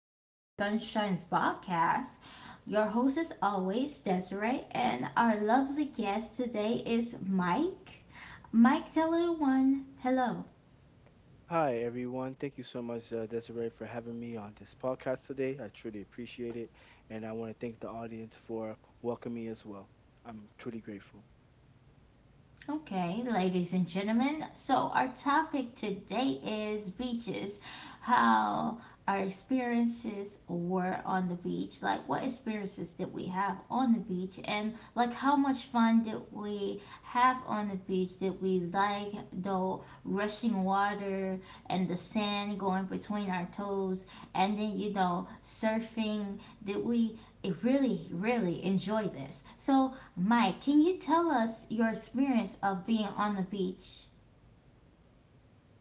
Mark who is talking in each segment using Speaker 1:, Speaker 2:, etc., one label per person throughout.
Speaker 1: into Sunshine's podcast. Your host is always Desiree, and our lovely guest today is Mike. Mike, tell everyone hello.
Speaker 2: Hi, everyone. Thank you so much, Desiree, for having me on this podcast today. I truly appreciate it. And I want to thank the audience for welcoming me as well. I'm truly grateful.
Speaker 1: Okay, ladies and gentlemen. So, our topic today is beaches. How our experiences were on the beach. Like, what experiences did we have on the beach? And, like, how much fun did we have on the beach? Did we like the rushing water and the sand going between our toes? And then, surfing? Did we really, really enjoy this? So, Mike, can you tell us your experience of being on the beach?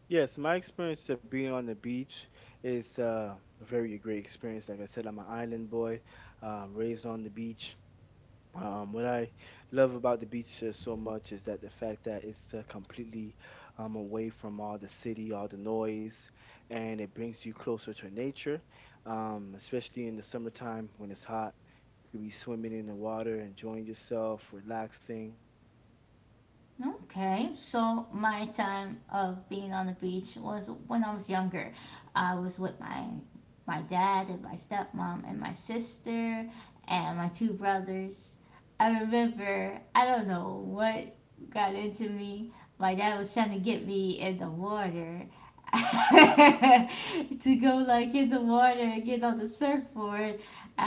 Speaker 2: Yes, my experience of being on the beach is a very great experience. Like I said, I'm an island boy, raised on the beach. What I love about the beach so much is that the fact that it's completely away from all the city, all the noise, and it brings you closer to nature, especially in the summertime when it's hot. You could be swimming in the water, enjoying yourself, relaxing.
Speaker 1: Okay, so my time of being on the beach was when I was younger. I was with my dad and my stepmom and my sister and my two brothers. I remember I don't know what got into me. My dad was trying to get me in the water to go like in the water and get on the surfboard. Um,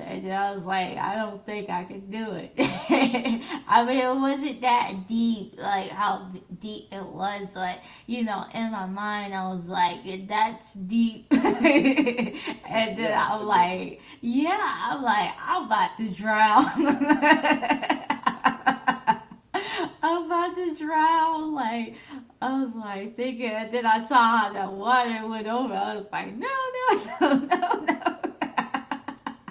Speaker 1: and then I was like, I don't think I can do it. I mean, it wasn't that deep, like how deep it was, but in my mind, I was like, that's deep. And then
Speaker 2: Yeah,
Speaker 1: I'm
Speaker 2: absolutely.
Speaker 1: like, yeah, I'm about to drown. I'm about to drown. Like, I was like thinking, and then I saw how that water went over. I was like, no, no, no, no, no.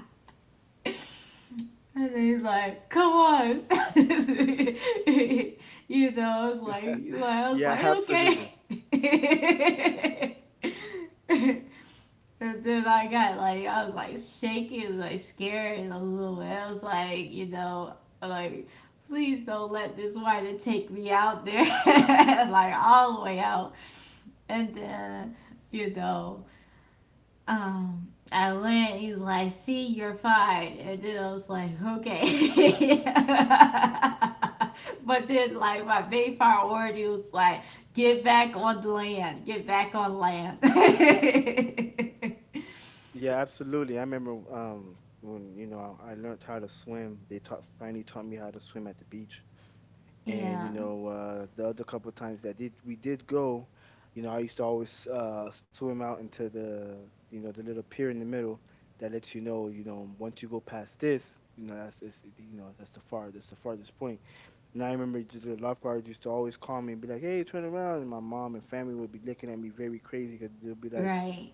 Speaker 1: And then he's like, come on. you I was like,
Speaker 2: Yeah,
Speaker 1: okay.
Speaker 2: absolutely.
Speaker 1: And then I got like, I was like shaking, like scared a little bit. I was like, like, please don't let this rider take me out there, like all the way out. And then, you know, I went, he was like, see, you're fine." And then I was like, okay. But then, like, my main priority was like, get back on land, get back on land.
Speaker 2: Yeah, absolutely. I remember when I learned how to swim. They taught finally taught me how to swim at the beach, and
Speaker 1: Yeah,
Speaker 2: the other couple of times that did go. I used to always swim out into the, the little pier in the middle that lets you know, once you go past this, you know that's it's, you know that's the far- that's the farthest point. And I remember the lifeguards used to always call me and be like, "Hey, turn around," and my mom and family would be looking at me very crazy because they'll be like,
Speaker 1: right.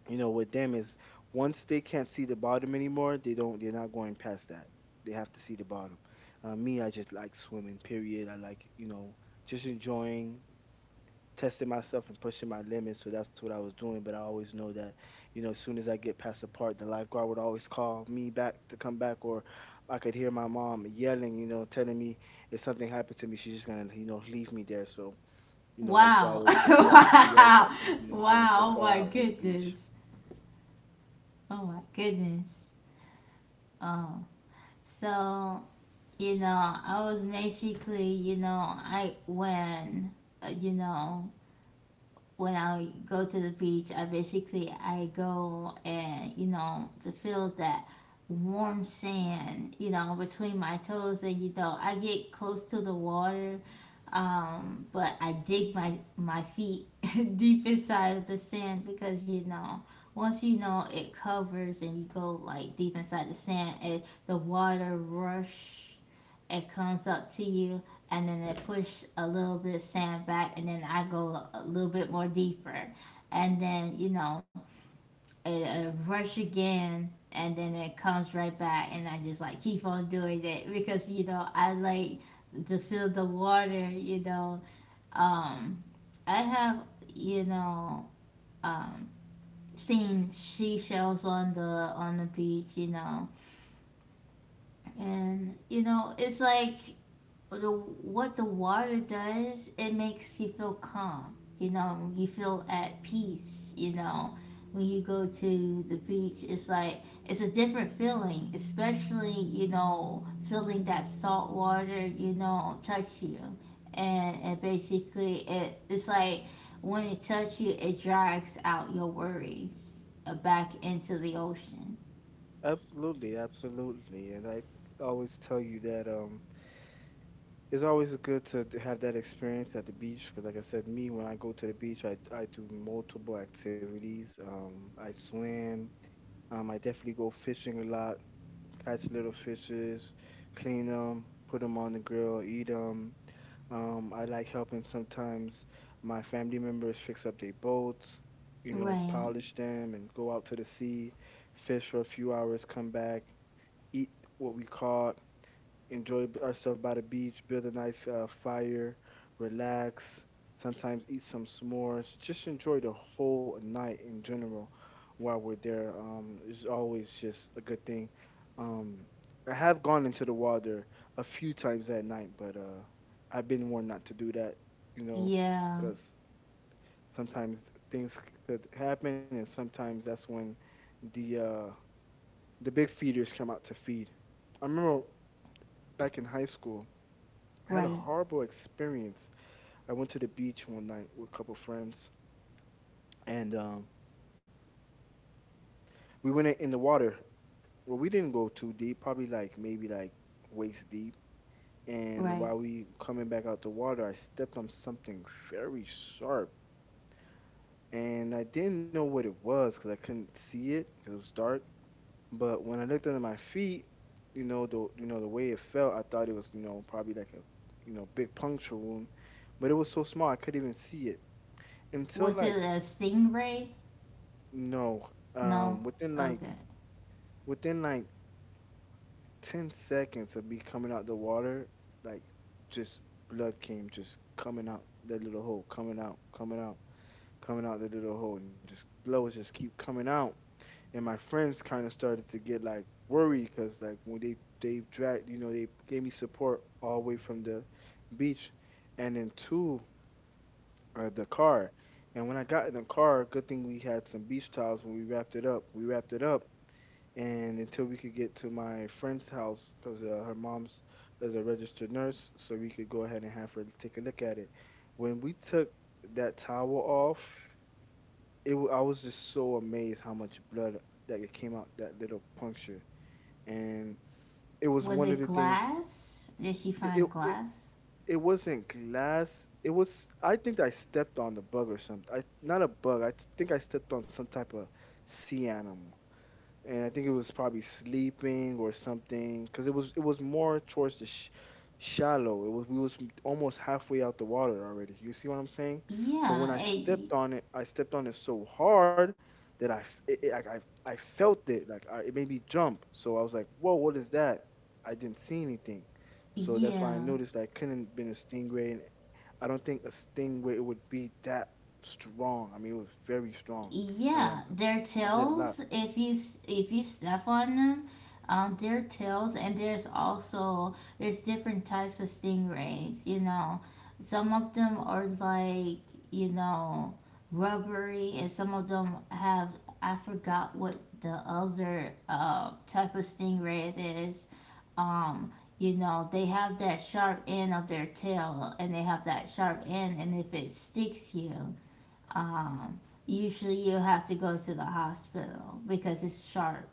Speaker 2: with them is, once they can't see the bottom anymore, they don't, they're not going past that. They have to see the bottom. Me, I just like swimming. Period. I like, just enjoying, testing myself and pushing my limits. So that's what I was doing. But I always know that, as soon as I get past the part, the lifeguard would always call me back to come back, or I could hear my mom yelling, you know, telling me if something happened to me, she's just gonna, leave me there. So, you know, I used to
Speaker 1: Wow.
Speaker 2: always say, yeah, I get yelled
Speaker 1: Wow.
Speaker 2: at from, going
Speaker 1: Wow.
Speaker 2: so
Speaker 1: Oh
Speaker 2: far
Speaker 1: my
Speaker 2: out in the beach.
Speaker 1: goodness. Oh my goodness. Oh, so, you know, I was basically, when, uh, you know, when I go to the beach, I basically I go and to feel that warm sand, between my toes, and I get close to the water, but I dig my feet deep inside of the sand because once it covers and you go like deep inside the sand, and the water rush it comes up to you and then it push a little bit of sand back and then I go a little bit more deeper and then it rush again and then it comes right back and I just like keep on doing it because I like to feel the water. Um I have, you know um seen seashells on the beach, and it's like what the water does, it makes you feel calm. You know, you feel at peace. You know, when you go to the beach, it's like it's a different feeling, especially feeling that salt water. You know, touch you, and basically it's like when it touch you, it drags out your worries back into the ocean.
Speaker 2: Absolutely, absolutely. And I always tell you that it's always good to have that experience at the beach because, like I said, me, when I go to the beach, I do multiple activities. I swim, I definitely go fishing a lot, catch little fishes, clean them, put them on the grill, eat them. Um, I like helping sometimes my family members fix up their boats, you know,
Speaker 1: Right.
Speaker 2: polish them and go out to the sea, fish for a few hours, come back, eat what we caught, enjoy ourselves by the beach, build a nice fire, relax, sometimes eat some s'mores, just enjoy the whole night in general while we're there. It's always just a good thing. Um, I have gone into the water a few times at night, but I've been warned not to do that, you know,
Speaker 1: Yeah.
Speaker 2: because sometimes things c- could happen, and sometimes that's when the uh, the big feeders come out to feed. I remember back in high school, I had a
Speaker 1: Right.
Speaker 2: horrible experience. I went to the beach one night with a couple friends, and we went in the water. Well, we didn't go too deep, probably like maybe like waist deep. And
Speaker 1: Right.
Speaker 2: while we coming back out the water, I stepped on something very sharp, and I didn't know what it was because I couldn't see it because it was dark. But when I looked under my feet, you know the way it felt, I thought it was, probably like a, big puncture wound, but it was so small I couldn't even see it. Until
Speaker 1: Was it
Speaker 2: like,
Speaker 1: a stingray?
Speaker 2: no,
Speaker 1: No?
Speaker 2: within like,
Speaker 1: Okay.
Speaker 2: within like 10 seconds of me coming out the water, like, just blood came just coming out that little hole, coming out, coming out, coming out that little hole, and just blood was just keep coming out. And my friends kind of started to get like worried because, like, when they dragged, you know, they gave me support all the way from the beach, and then to the car. And when I got in the car, good thing we had some beach towels when we wrapped it up. We wrapped it up, and until we could get to my friend's house because her mom's is a registered nurse, so we could go ahead and have her take a look at it. When we took that towel off, I was just so amazed how much blood that it came out that little puncture, and it was
Speaker 1: Was
Speaker 2: one of
Speaker 1: it
Speaker 2: the things.
Speaker 1: glass? Did he
Speaker 2: It it
Speaker 1: find
Speaker 2: it,
Speaker 1: glass?
Speaker 2: it wasn't glass. It was, I think I stepped on the bug or something. I Not a bug. I think I stepped on some type of sea animal, and I think it was probably sleeping or something because it was more towards the shallow. It was, we was almost halfway out the water already. You see what I'm saying? So when
Speaker 1: Yeah.
Speaker 2: I stepped on it, I stepped on it so hard that I felt it. Like, it made me jump. So I was like, whoa, what is that? I didn't see anything. So that's why I
Speaker 1: Yeah.
Speaker 2: noticed that I couldn't have been a stingray, and I don't think a stingray it would be that strong. I mean, it was very strong. I mean, I
Speaker 1: Yeah. Their
Speaker 2: I bled a lot.
Speaker 1: tails, if you if you step on them, their tails, and there's also there's different types of stingrays. You know, some of them are like you know rubbery, and some of them have I forgot what the other type of stingray it is. um you know they have that sharp end of their tail and they have that sharp end, and if it sticks you, um usually you have to go to the hospital because it's sharp.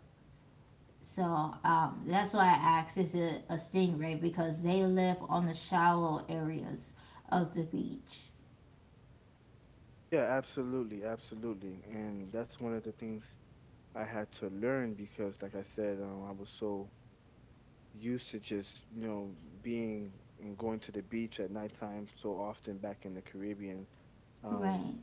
Speaker 1: So that's why I asked, is it a stingray, because they live on the shallow areas of the beach.
Speaker 2: Yeah, absolutely, absolutely. And that's one of the things I had to learn because, like I said, I was so used to just, you know, being and going to the beach at nighttime so often back in the Caribbean. Um,
Speaker 1: Right.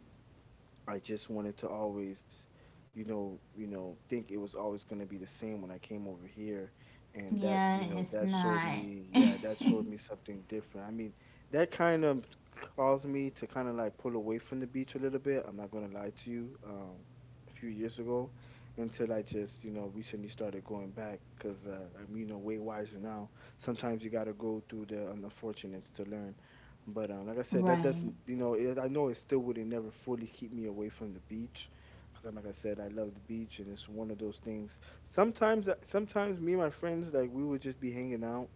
Speaker 2: I just wanted to always, you know, think it was always going to be the same when I came over here, and that,
Speaker 1: Yeah,
Speaker 2: you know,
Speaker 1: it's
Speaker 2: that showed
Speaker 1: not
Speaker 2: me, yeah, that showed me something different. I mean, that kind of caused me to kind of like pull away from the beach a little bit. I'm not going to lie to you. A few years ago, until I just, you know, recently started going back because I'm, you know, way wiser now. Sometimes you got to go through the unfortunates to learn. But like I said, that
Speaker 1: Right.
Speaker 2: doesn't, you know, it, I know it still wouldn't never fully keep me away from the beach, because, like I said, I love the beach, and it's one of those things. Sometimes, sometimes me and my friends, like, we would just be hanging out,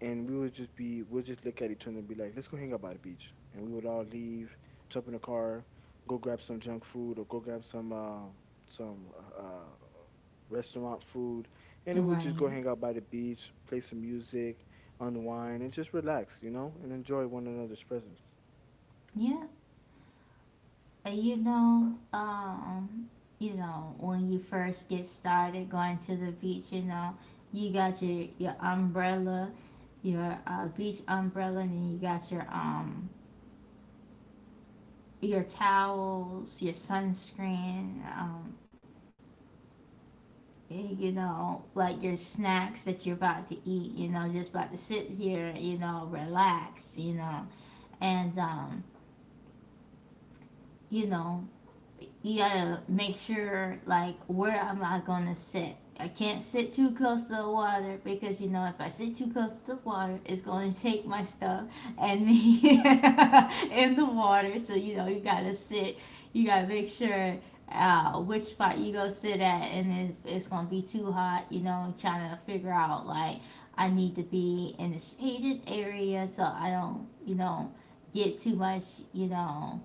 Speaker 2: and we'll just look at each other and be like, let's go hang out by the beach, and we would all leave, jump in the car, go grab some junk food or go grab some some uh, uh, restaurant food, and then we would just go
Speaker 1: Right.
Speaker 2: hang out by the beach, play some music, unwind, and just relax, you know, and enjoy one another's presence.
Speaker 1: Yeah. You know, when you first get started going to the beach, you got your umbrella, your beach umbrella, and then you got your towels, your sunscreen, you know, like your snacks that you're about to eat. You know, just about to sit here, relax, and you know, you gotta make sure like, where am I gonna sit? I can't sit too close to the water because if I sit too close to the water, it's gonna take my stuff and me in the water. So you gotta sit. You gotta make sure which spot you go sit at, and if it's gonna be too hot, you know, trying to figure out like, I need to be in a shaded area so I don't get too much you know.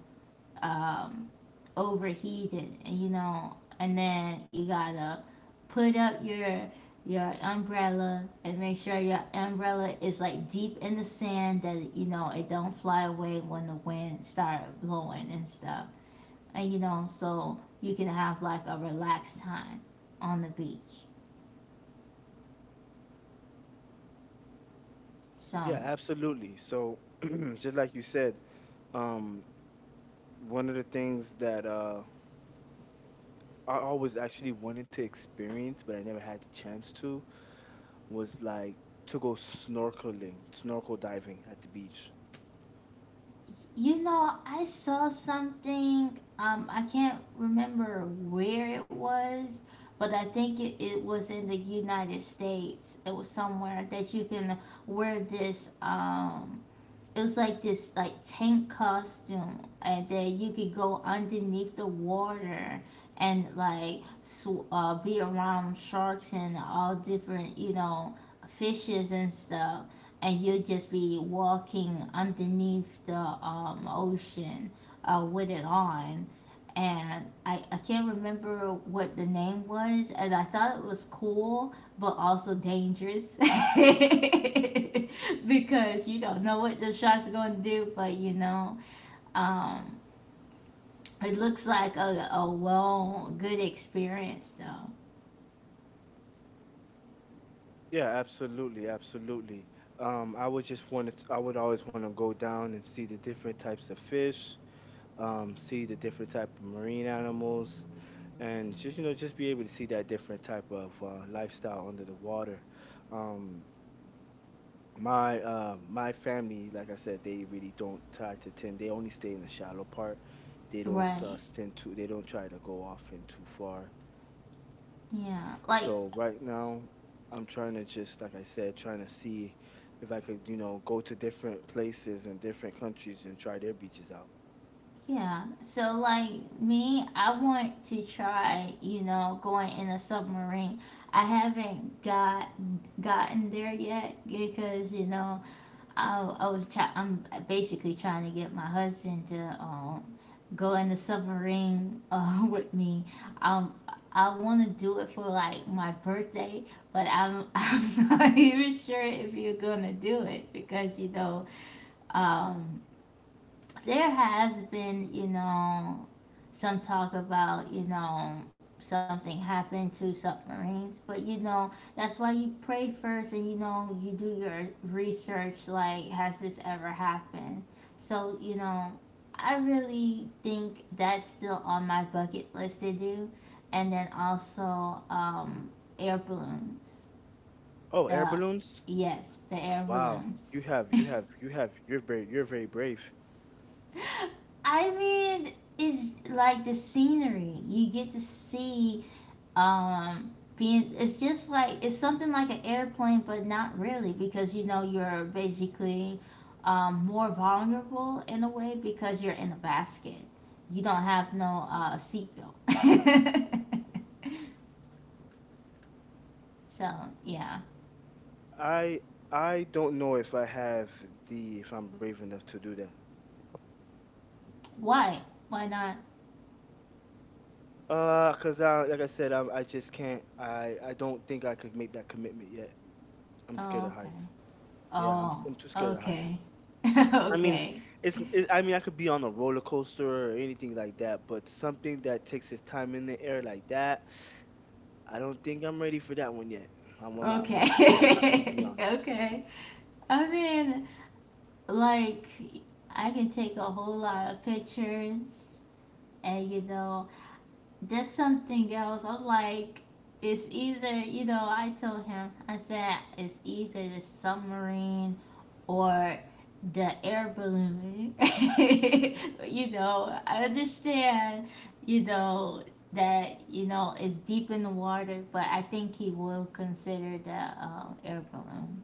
Speaker 1: Um, overheated, and and then you gotta put up your umbrella and make sure your umbrella is like deep in the sand that it don't fly away when the wind start blowing and stuff, and so you can have like a relaxed time on the beach.
Speaker 2: Yeah,
Speaker 1: So
Speaker 2: absolutely. So, just like you said, um, one of the things that I always actually wanted to experience, but I never had the chance to, was like to go snorkeling, snorkel diving at the beach.
Speaker 1: you know, I saw something. I can't remember where it was, but I think it was in the United States. It was somewhere that you can wear this it was like this like tank costume, and then you could go underneath the water and like be around sharks and all different fishes and stuff, and you'll just be walking underneath the ocean with it on. And I can't remember what the name was, and I thought it was cool but also dangerous. Because you don't know what the shot's going to do, but you know, um, it looks like a well, good experience though.
Speaker 2: Yeah, absolutely, absolutely. I would just want to, I would always want to go down and see the different types of fish, see the different type of marine animals, and just, just be able to see that different type of lifestyle under the water. um my family, like I said, they really don't try to tend, they only stay in the shallow part. They don't
Speaker 1: Right.
Speaker 2: tend to, they don't try to go off in too far.
Speaker 1: Yeah. Like,
Speaker 2: So right now, I'm trying to just, like I said, trying to see if I could, you know, go to different places and different countries and try their beaches out.
Speaker 1: yeah. So, like, me, I want to try, you know, going in a submarine. I haven't got gotten there yet because, you know, I'm basically trying to get my husband to, go in the submarine with me. Um, I want to do it for like my birthday, but I'm I'm not even sure if you're gonna do it because um there has been, you know, some talk about, something happened to submarines, but you know, that's why you pray first, and you do your research like, has this ever happened? So, I really think that's still on my bucket list to do. And then also, air balloons.
Speaker 2: Oh, air
Speaker 1: The,
Speaker 2: balloons.
Speaker 1: yes, the air
Speaker 2: Wow. you
Speaker 1: balloons.
Speaker 2: have you have you have you're very, brave.
Speaker 1: I mean, it's like the scenery. You get to see um being it's just like it's something like an airplane, but not really because you're basically more vulnerable in a way because you're in a basket. You don't have no seatbelt. So, yeah.
Speaker 2: I I don't know if I have the, if I'm brave enough to do that.
Speaker 1: Why? Why not?
Speaker 2: Cause I, like I said, I'm I just can't. I don't think I could make that commitment yet. I'm scared
Speaker 1: Oh,
Speaker 2: of
Speaker 1: okay.
Speaker 2: heights. Yeah, I'm
Speaker 1: Oh,
Speaker 2: I'm too scared of heights.
Speaker 1: okay.
Speaker 2: I mean,
Speaker 1: Okay.
Speaker 2: I mean, I could be on a roller coaster or anything like that, but something that takes its time in the air like that, I don't think I'm ready for that one yet. I'm not. I'm gonna be
Speaker 1: Okay.
Speaker 2: honest.
Speaker 1: Okay. I mean, like, I can take a whole lot of pictures, and you know, that's something else. I'm like, it's either, you know, I told him, I said, it's either the submarine or the air balloon. You know, I understand, you know, that, you know, it's deep in the water, but I think he will consider the air balloon.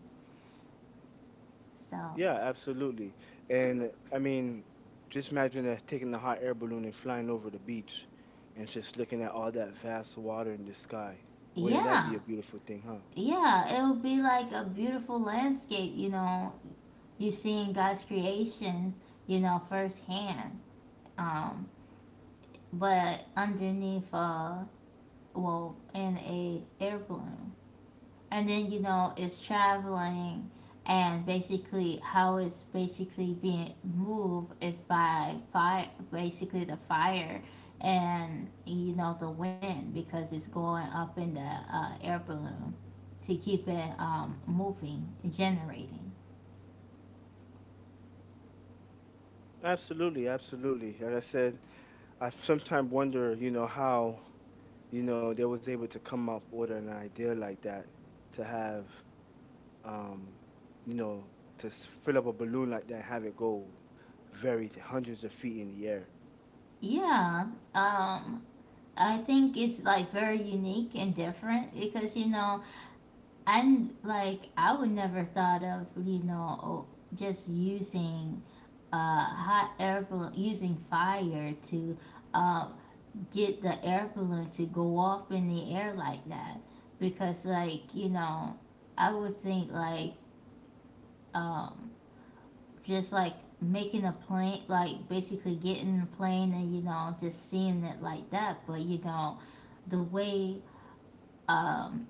Speaker 1: So,
Speaker 2: Yeah, absolutely. And I mean, just imagine that, taking a hot air balloon and flying over the beach and just looking at all that vast water in the sky. Wouldn't that be
Speaker 1: yeah.
Speaker 2: a beautiful thing, huh?
Speaker 1: Yeah, it'll be like a beautiful landscape, you know. You're seeing God's creation, you know, firsthand. Um, but underneath, well, in a air balloon, and then it's traveling, and basically how it's basically being moved is by fire, basically the fire, and the wind, because it's going up in the air balloon to keep it moving, generating.
Speaker 2: Absolutely, absolutely. Like I said, I sometimes wonder, you know, how, you know, they was able to come up with an idea like that to have, um, you know, fill up a balloon like that and have it go very 100s of feet in the air.
Speaker 1: Yeah. um I think it's like very unique and different because and like I would never thought of just using hot air balloon, using fire to um, get the air balloon to go off in the air like that, because like I would think like um, just like making a plane, like basically getting a plane, and just seeing it like that. But the way um,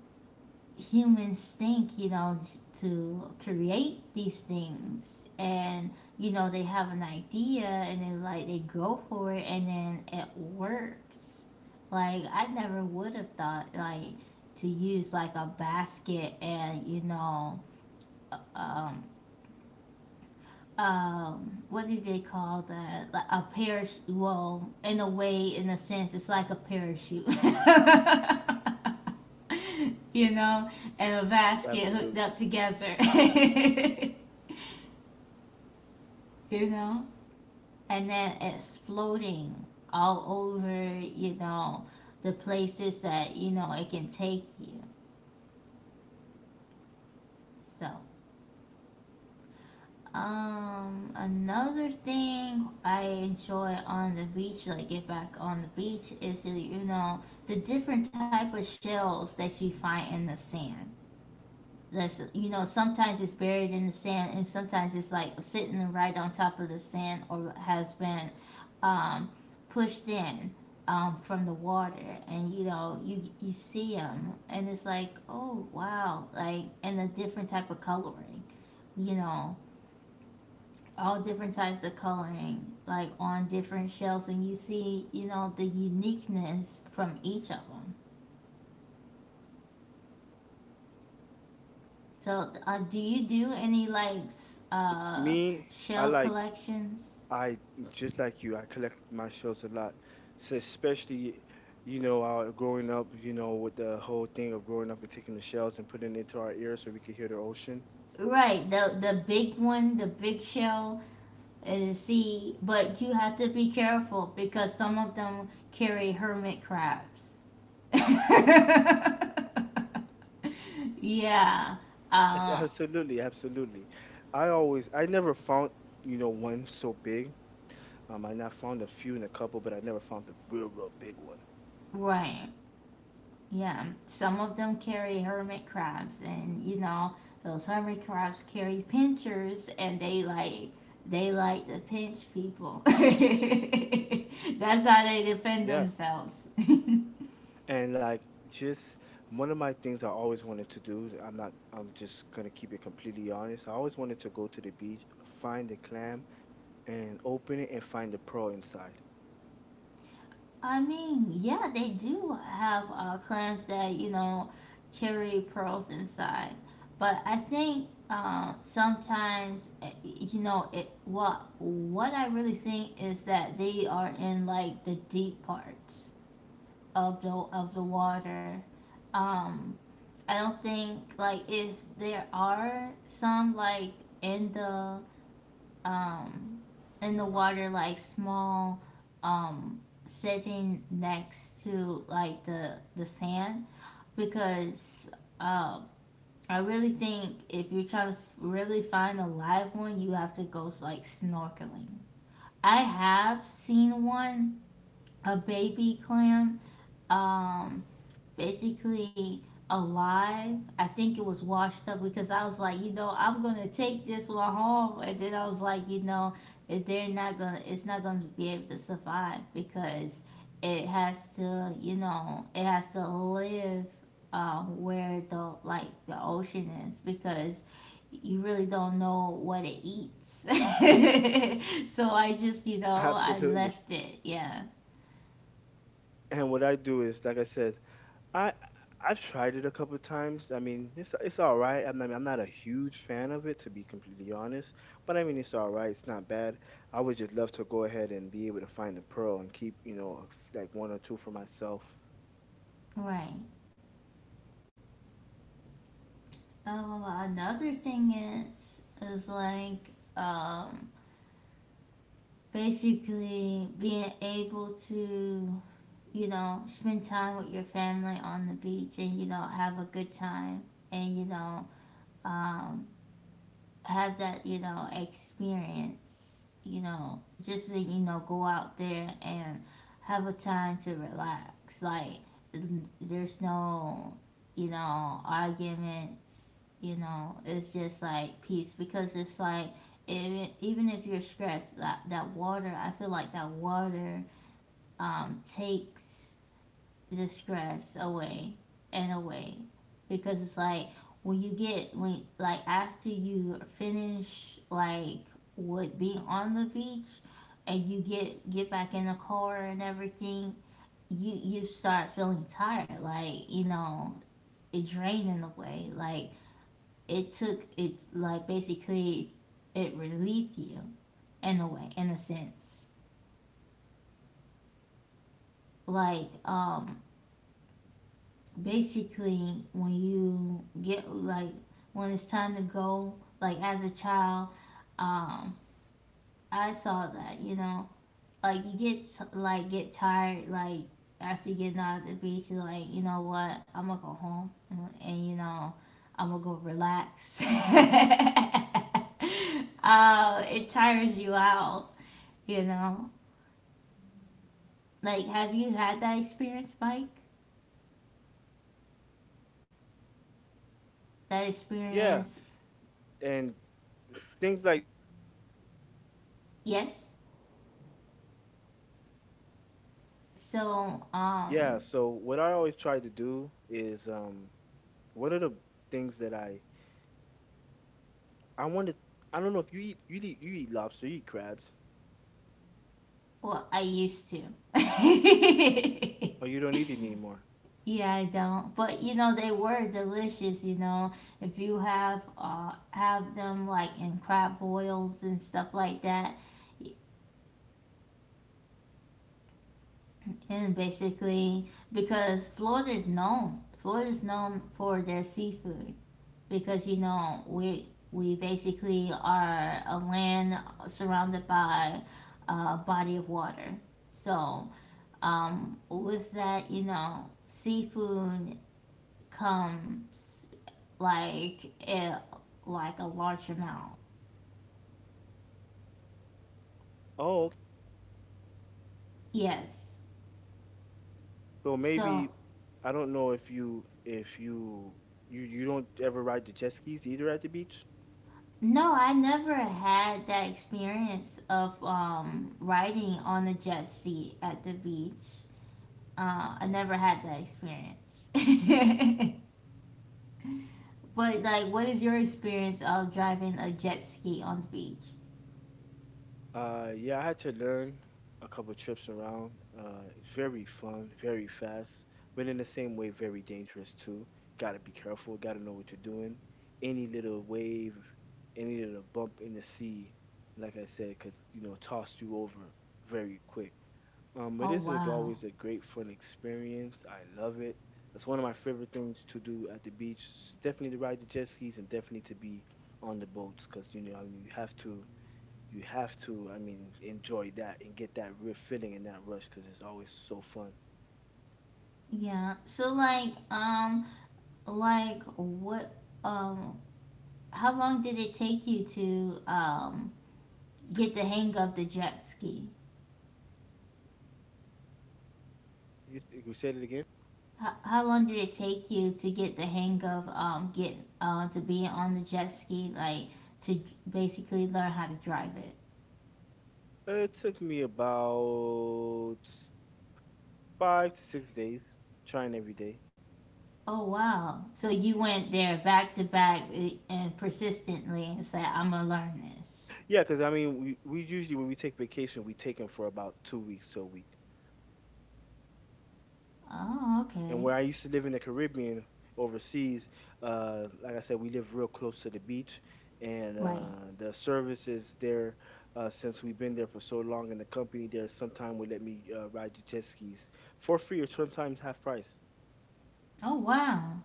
Speaker 1: humans think, you know, to create these things. And, you know, they have an idea, and then, like, they go for it and then it works. Like, I never would have thought, like, to use, like, a basket and, you know, um, what do they call that, like a parachute? Well, in a way, in a sense, it's like a parachute you know, and a basket
Speaker 2: Absolutely.
Speaker 1: hooked up together. You know, and then it's floating all over, you know, the places that, you know, it can take you, so another thing I enjoy on the beach, like get back on the beach, is you know, the different type of shells that you find in the sand. That's, you know, sometimes it's buried in the sand, and sometimes it's like sitting right on top of the sand or has been um, pushed in from the water, and you know, you see them, and it's like, oh wow, like, and a different type of coloring, you know, all different types of coloring like on different shells, and you see, you know, the uniqueness from each of them. So do you do any like uh
Speaker 2: Me, I
Speaker 1: shell
Speaker 2: like.
Speaker 1: collections?
Speaker 2: I just like you. I collected my shells a lot, so especially, you know, growing up. You know, with the whole thing of growing up and taking the shells and putting it into our ears so we could hear the ocean.
Speaker 1: Right, the big one, the big shell is, see, but you have to be careful because some of them carry hermit crabs. Yeah.
Speaker 2: Yes,
Speaker 1: uh
Speaker 2: absolutely, absolutely. I never found, you know, one so big. I not found a few and a couple, but I never found the real, real big one.
Speaker 1: right. Yeah, some of them carry hermit crabs, and you know those hermit crabs carry pinchers, and they like to pinch people. That's how they defend
Speaker 2: Yeah,
Speaker 1: themselves.
Speaker 2: and like just one of my things I always wanted to do. I'm not. I'm just gonna keep it completely honest. I always wanted to go to the beach, find a clam and open it and find the pearl inside.
Speaker 1: I mean, yeah, they do have clams that you know carry pearls inside, but I think sometimes you know it. What I really think is that they are in like the deep parts of the water. Um, I don't think like if there are some like in the um in the water, like small, um sitting next to like the sand, because um I really think if you're trying to really find a live one, you have to go like snorkeling. I have seen one, a baby clam, um, basically alive. I think it was washed up because I was like, you know, I'm gonna take this one home, and then I was like, you know, if they're not gonna, it's not gonna be able to survive because it has to, you know, it has to live where the like the ocean is, because you really don't know what it eats. So I just, you know, I
Speaker 2: Absolutely.
Speaker 1: left it. Yeah,
Speaker 2: And what I do is, like I said, I I've tried it a couple of times. I mean, it's all right. I'm not a huge fan of it to be completely honest, but I mean, it's all right. It's not bad. I would just love to go ahead and be able to find the pearl and keep, you know, like 1 or 2 for myself.
Speaker 1: right. Another thing is like basically being able to, you know, spend time with your family on the beach, and you know, have a good time, and you know, um have that, you know, experience, you know, just to, you know, go out there and have a time to relax. Like, there's no, you know, arguments, you know, it's just like peace because it's like, even if you're stressed, that, that water, I feel like that water takes the stress away and away, because it's like when you get, when like after you finish like with being on the beach and you get back in the car and everything, you start feeling tired, like you know, it drained in a way, like it took it, like basically it relieved you in a way, in a sense, like basically when you get like, when it's time to go, like as a child, um I saw that you know, like you get like get tired like after getting out of the beach, you're like, you know what, I'm gonna go home and you know, I'm gonna go relax. It tires you out, you know. Like, have you had that experience, Mike? That
Speaker 2: Yeah,
Speaker 1: experience.
Speaker 2: and things like
Speaker 1: Yes. So
Speaker 2: yeah. So what I always try to do is one of the things that I want to I don't know if you eat lobster, you eat crabs.
Speaker 1: well, I used to.
Speaker 2: Oh, you don't need it anymore.
Speaker 1: Yeah, I don't. But you know, they were delicious. You know, if you have them like in crab boils and stuff like that, and basically because Florida is known for their seafood, because you know we basically are a land surrounded by a body of water, so was that, you know, seafood comes like it, like a large amount.
Speaker 2: Oh, okay.
Speaker 1: Yes.
Speaker 2: So
Speaker 1: So
Speaker 2: maybe I don't know if you don't ever ride the jet skis either at the beach.
Speaker 1: no, I never had that experience of riding on a jet ski at the beach. I never had that experience. But like, what is your experience of driving a jet ski on the beach?
Speaker 2: Yeah, I had to learn a couple trips around. It's very fun, very fast, but in the same way, very dangerous too. Gotta be careful. Gotta know what you're doing. Any little wave, any little bump in the sea, like I said, could you know toss you over very quick. But
Speaker 1: Oh
Speaker 2: this is like
Speaker 1: wow.
Speaker 2: always a great fun experience. I love it. It's one of my favorite things to do at the beach. It's definitely to ride the jet skis and definitely to be on the boats because you know I mean, I mean, enjoy that and get that real feeling and that rush because it's always so fun.
Speaker 1: Yeah. So like what um how long did it take you to get the hang of the jet ski?
Speaker 2: You said it again?
Speaker 1: How long did it take you to get the hang of get to be on the jet ski, like, to basically learn how to drive it?
Speaker 2: It took me about 5 to 6 days trying every day.
Speaker 1: Oh wow. So you
Speaker 2: Yeah.
Speaker 1: went there back to back, and persistently and said I'm going to learn this.
Speaker 2: Yeah, because I mean, we usually, when we take vacation, we take them for about 2 weeks to a week.
Speaker 1: Oh,
Speaker 2: And
Speaker 1: okay.
Speaker 2: where I used to live in the Caribbean overseas, like I said, we live real close to the beach, and
Speaker 1: Right.
Speaker 2: the services there. Since we've been there for so long in the company, there sometime would let me ride the jet skis for free or sometimes half price.
Speaker 1: Oh wow.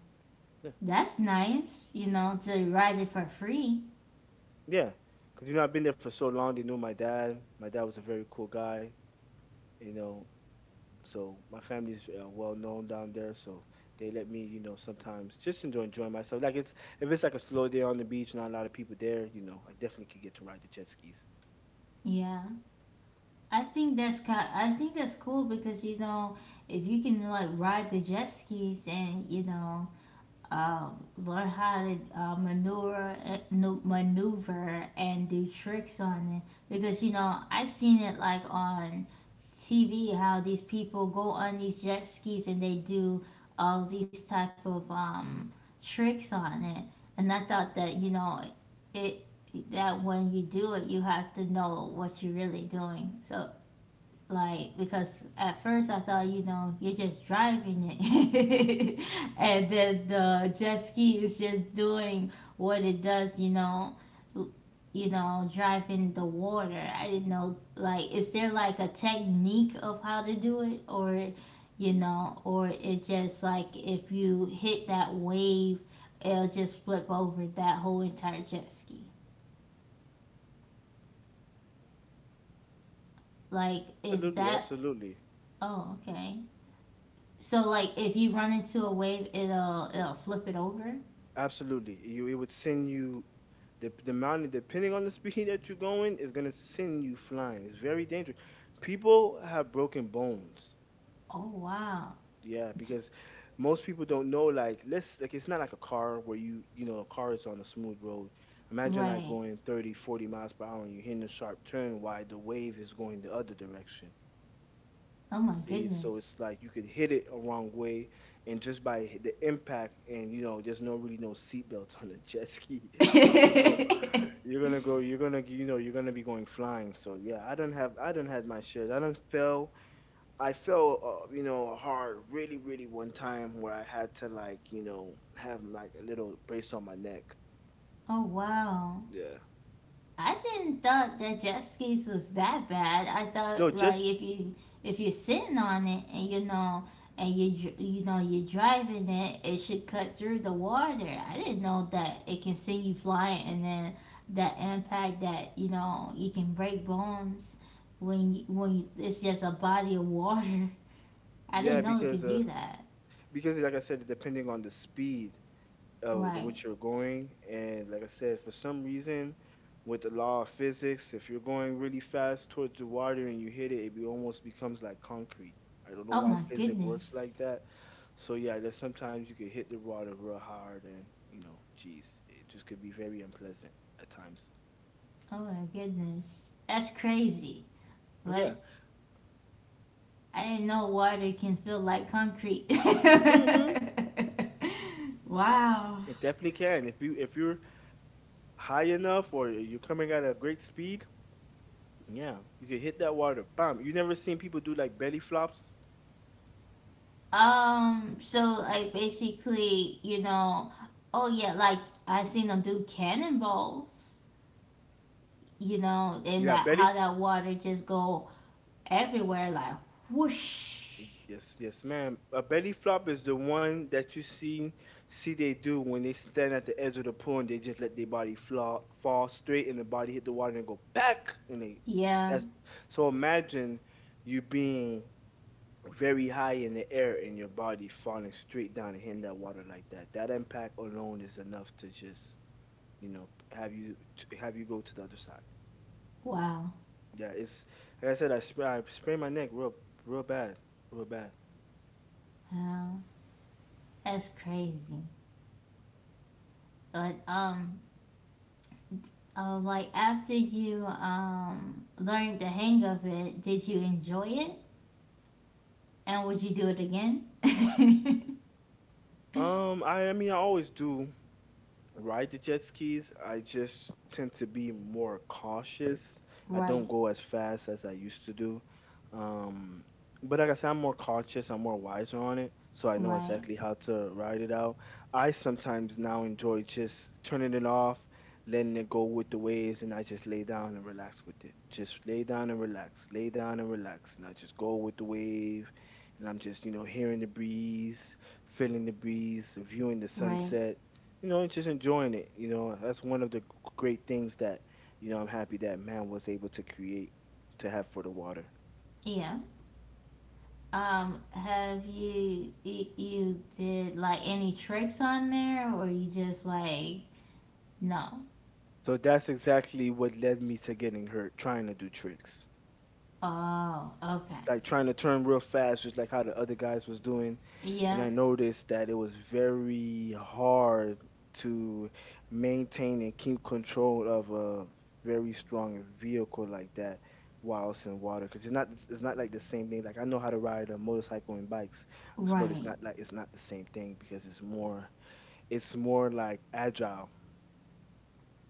Speaker 2: Yeah,
Speaker 1: That's nice, you know, to ride it for free.
Speaker 2: yeah, because you know I've been there for so long. They know my dad. My dad was a very cool guy. You know, so my family's well known down there, so they let me, you know, sometimes just enjoying myself. Like it's if it's like a slow day on the beach, not a lot of people there, you know, I definitely could get to ride the jet skis.
Speaker 1: Yeah. I think that's kind. I think that's cool because you know if you can like ride the jet skis, and you know, learn how to maneuver, maneuver and do tricks on it, because you know I seen it like on TV how these people go on these jet skis and they do all these type of tricks on it, and I thought that you know it, that when you do it you have to know what you're really doing, so like because at first I thought, you know, you're just driving it and then the jet ski is just doing what it does, you know, you know, driving the water. I didn't know, like, is there like a technique of how to do it, or you know, or it's just like if you hit that wave, it'll just flip over that whole entire jet ski. Like, is
Speaker 2: Absolutely,
Speaker 1: that,
Speaker 2: absolutely,
Speaker 1: oh okay. So like if you run into a wave, it'll it'll flip it over.
Speaker 2: absolutely. You it would send you the amount depending on the speed that you're going is gonna send you flying. It's very dangerous. People have broken bones.
Speaker 1: Oh wow!
Speaker 2: Yeah, because most people don't know like let's like it's not like a car where you know a car is on a smooth road. Imagine like
Speaker 1: Right.
Speaker 2: going 30, 40 miles per hour and you're hitting a sharp turn while the wave is going the other direction.
Speaker 1: Oh my
Speaker 2: See, so it's
Speaker 1: goodness.
Speaker 2: like you could hit it a wrong way and just by the impact and you know there's no really no seatbelts on a jet ski. Oh, you're gonna you know you're gonna be going flying. So yeah, I don't had my shares. I don't fell I felt, you know, hard really, really one time where I had to like, you know, have like a little brace on my neck.
Speaker 1: Oh wow.
Speaker 2: Yeah.
Speaker 1: I didn't thought that jet skis was that bad. I
Speaker 2: No,
Speaker 1: thought like
Speaker 2: just
Speaker 1: if you, if you're sitting on it, and you know, and you know, you're driving it, it should cut through the water. I didn't know that it can send you flying, and then that impact that, you know, you can break bones when you, it's just a body of water. I
Speaker 2: yeah,
Speaker 1: didn't know it could do that.
Speaker 2: because like I said, depending on the speed,
Speaker 1: Right.
Speaker 2: what you're going. And like I said, for some reason, with the law of physics, if you're going really fast towards the water and you hit it, almost becomes like concrete. I don't know
Speaker 1: Oh
Speaker 2: why
Speaker 1: my
Speaker 2: physics works like
Speaker 1: goodness.
Speaker 2: that. So yeah, there's sometimes you could hit the water real hard, and you know, geez, it just could be very unpleasant at times.
Speaker 1: Oh my goodness. That's crazy.
Speaker 2: Yeah.
Speaker 1: But I didn't know water can feel like concrete.
Speaker 2: Mm-hmm.
Speaker 1: Wow.
Speaker 2: It definitely can. If you if you're high enough or you're coming at a great speed, yeah, you could hit that water. Bam. You never seen people do like belly flops?
Speaker 1: So like basically, you know, oh yeah, like I seen them do cannonballs. You know, and
Speaker 2: Yeah,
Speaker 1: that
Speaker 2: belly.
Speaker 1: how that water just go everywhere like whoosh.
Speaker 2: Yes, yes, ma'am. A belly flop is the one that you see they do when they stand at the edge of the pool and they just let their body flop, fall straight and the body hit the water and go back and they
Speaker 1: Yeah.
Speaker 2: that's so imagine you being very high in the air and your body falling straight down and hitting that water like that. That impact alone is enough to just, you know, have you to have you go to the other side.
Speaker 1: Wow.
Speaker 2: Yeah, it's like I said, I sprained my neck real real bad, real bad.
Speaker 1: Wow. That's crazy. But like after you learned the hang of it, did you enjoy it? And would you do it again?
Speaker 2: I mean, I always do ride the jet skis, I just tend to be more cautious. I
Speaker 1: Right,
Speaker 2: don't go as fast as I used to do. Um, but like I said, I'm more cautious, I'm more wiser on it, so I know
Speaker 1: right,
Speaker 2: exactly how to ride it out. I sometimes now enjoy just turning it off, letting it go with the waves, and I just lay down and relax with it. Just lay down and relax, lay down and relax, and I just go with the wave, and I'm just, you know, hearing the breeze, feeling the breeze, viewing the
Speaker 1: right.
Speaker 2: sunset, you know, and just enjoying it. You know, that's one of the great things that, you know, I'm happy that man was able to create to have for the water.
Speaker 1: Yeah. Have you you did like any tricks on there, or you just like no?
Speaker 2: So that's exactly what led me to getting hurt trying to do tricks.
Speaker 1: Oh, okay.
Speaker 2: Like trying to turn real fast, just like how the other guys was doing. And
Speaker 1: Yeah.
Speaker 2: I noticed that it was very hard to maintain and keep control of a very strong vehicle like that whilst in water because it's not like the same thing like I know how to ride a motorcycle and bikes, but
Speaker 1: Right.
Speaker 2: it's not the same thing because it's more like agile,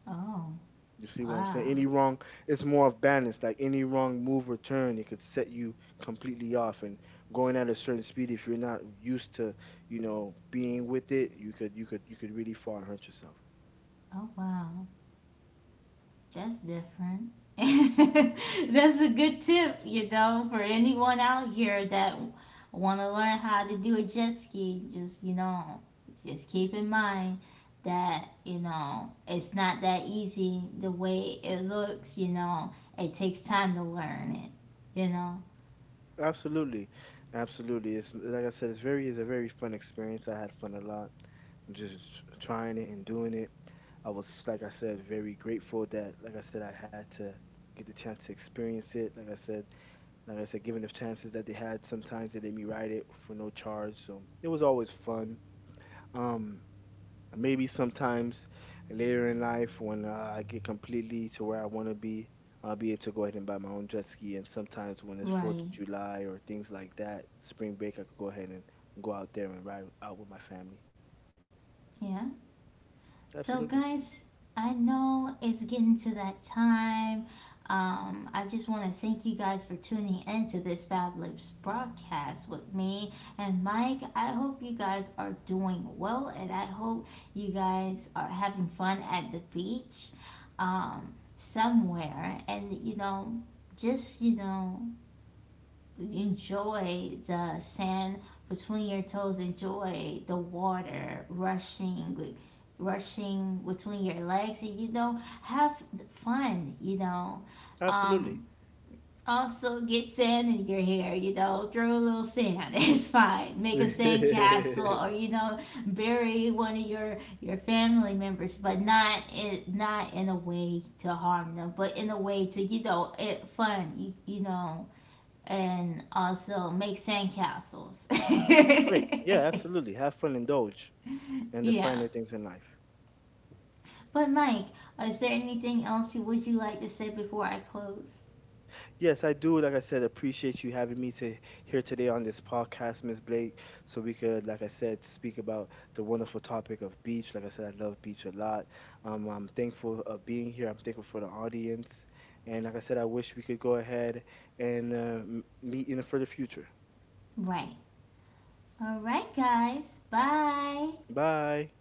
Speaker 1: Oh,
Speaker 2: you see what I'm saying?
Speaker 1: wow.
Speaker 2: Any wrong, it's more of balance. Like any wrong move or turn, it could set you completely off. And going at a certain speed, if you're not used to, you know, being with it, you could really fall and hurt yourself.
Speaker 1: Oh, wow. That's different. That's a good tip, you know, for anyone out here that want to learn how to do a jet ski. Just, you know, just keep in mind that, you know, it's not that easy the way it looks, you know. It takes time to learn it, you know.
Speaker 2: Absolutely, absolutely. It's like I said, it's very, it's a very fun experience. I had fun a lot, just trying it and doing it. I was, like I said, very grateful that, like I said, I had to get the chance to experience it. Like I said, given the chances that they had, sometimes they let me ride it for no charge. So it was always fun. Um, maybe sometimes later in life when I get completely to where I want to be, I'll be able to go ahead and buy my own jet ski. And sometimes when it's Fourth of
Speaker 1: Right.
Speaker 2: July or things like that, spring break, I could go ahead and go out there and ride out with my family.
Speaker 1: Yeah. So,
Speaker 2: Absolutely,
Speaker 1: guys, I know it's getting to that time. I just want to thank you guys for tuning into this Fab Lips broadcast with me and Mike. I hope you guys are doing well, and I hope you guys are having fun at the beach somewhere, and, you know, just, you know, enjoy the sand between your toes, enjoy the water rushing, like, rushing between your legs, and you know, have fun, you know.
Speaker 2: absolutely.
Speaker 1: um also get sand in your hair, you know, throw a little sand. It's fine, make a sand castle, or you know, bury one of your family members, but not in, not in a way to harm them, but in a way to, you know, it fun you, you know. And also make sandcastles.
Speaker 2: Great. Yeah, absolutely. Have fun, indulge, and the
Speaker 1: Yeah.
Speaker 2: finer things in life.
Speaker 1: But Mike, is there anything else you would you like to say before I close?
Speaker 2: Yes, I do. Like I said, appreciate you having me to here today on this podcast, Miss Blake, so we could, like I said, speak about the wonderful topic of beach. Like I said, I love beach a lot. I'm thankful of being here. I'm thankful for the audience, and like I said, I wish we could go ahead and meet in the further future.
Speaker 1: Right. All right, guys. Bye.
Speaker 2: Bye.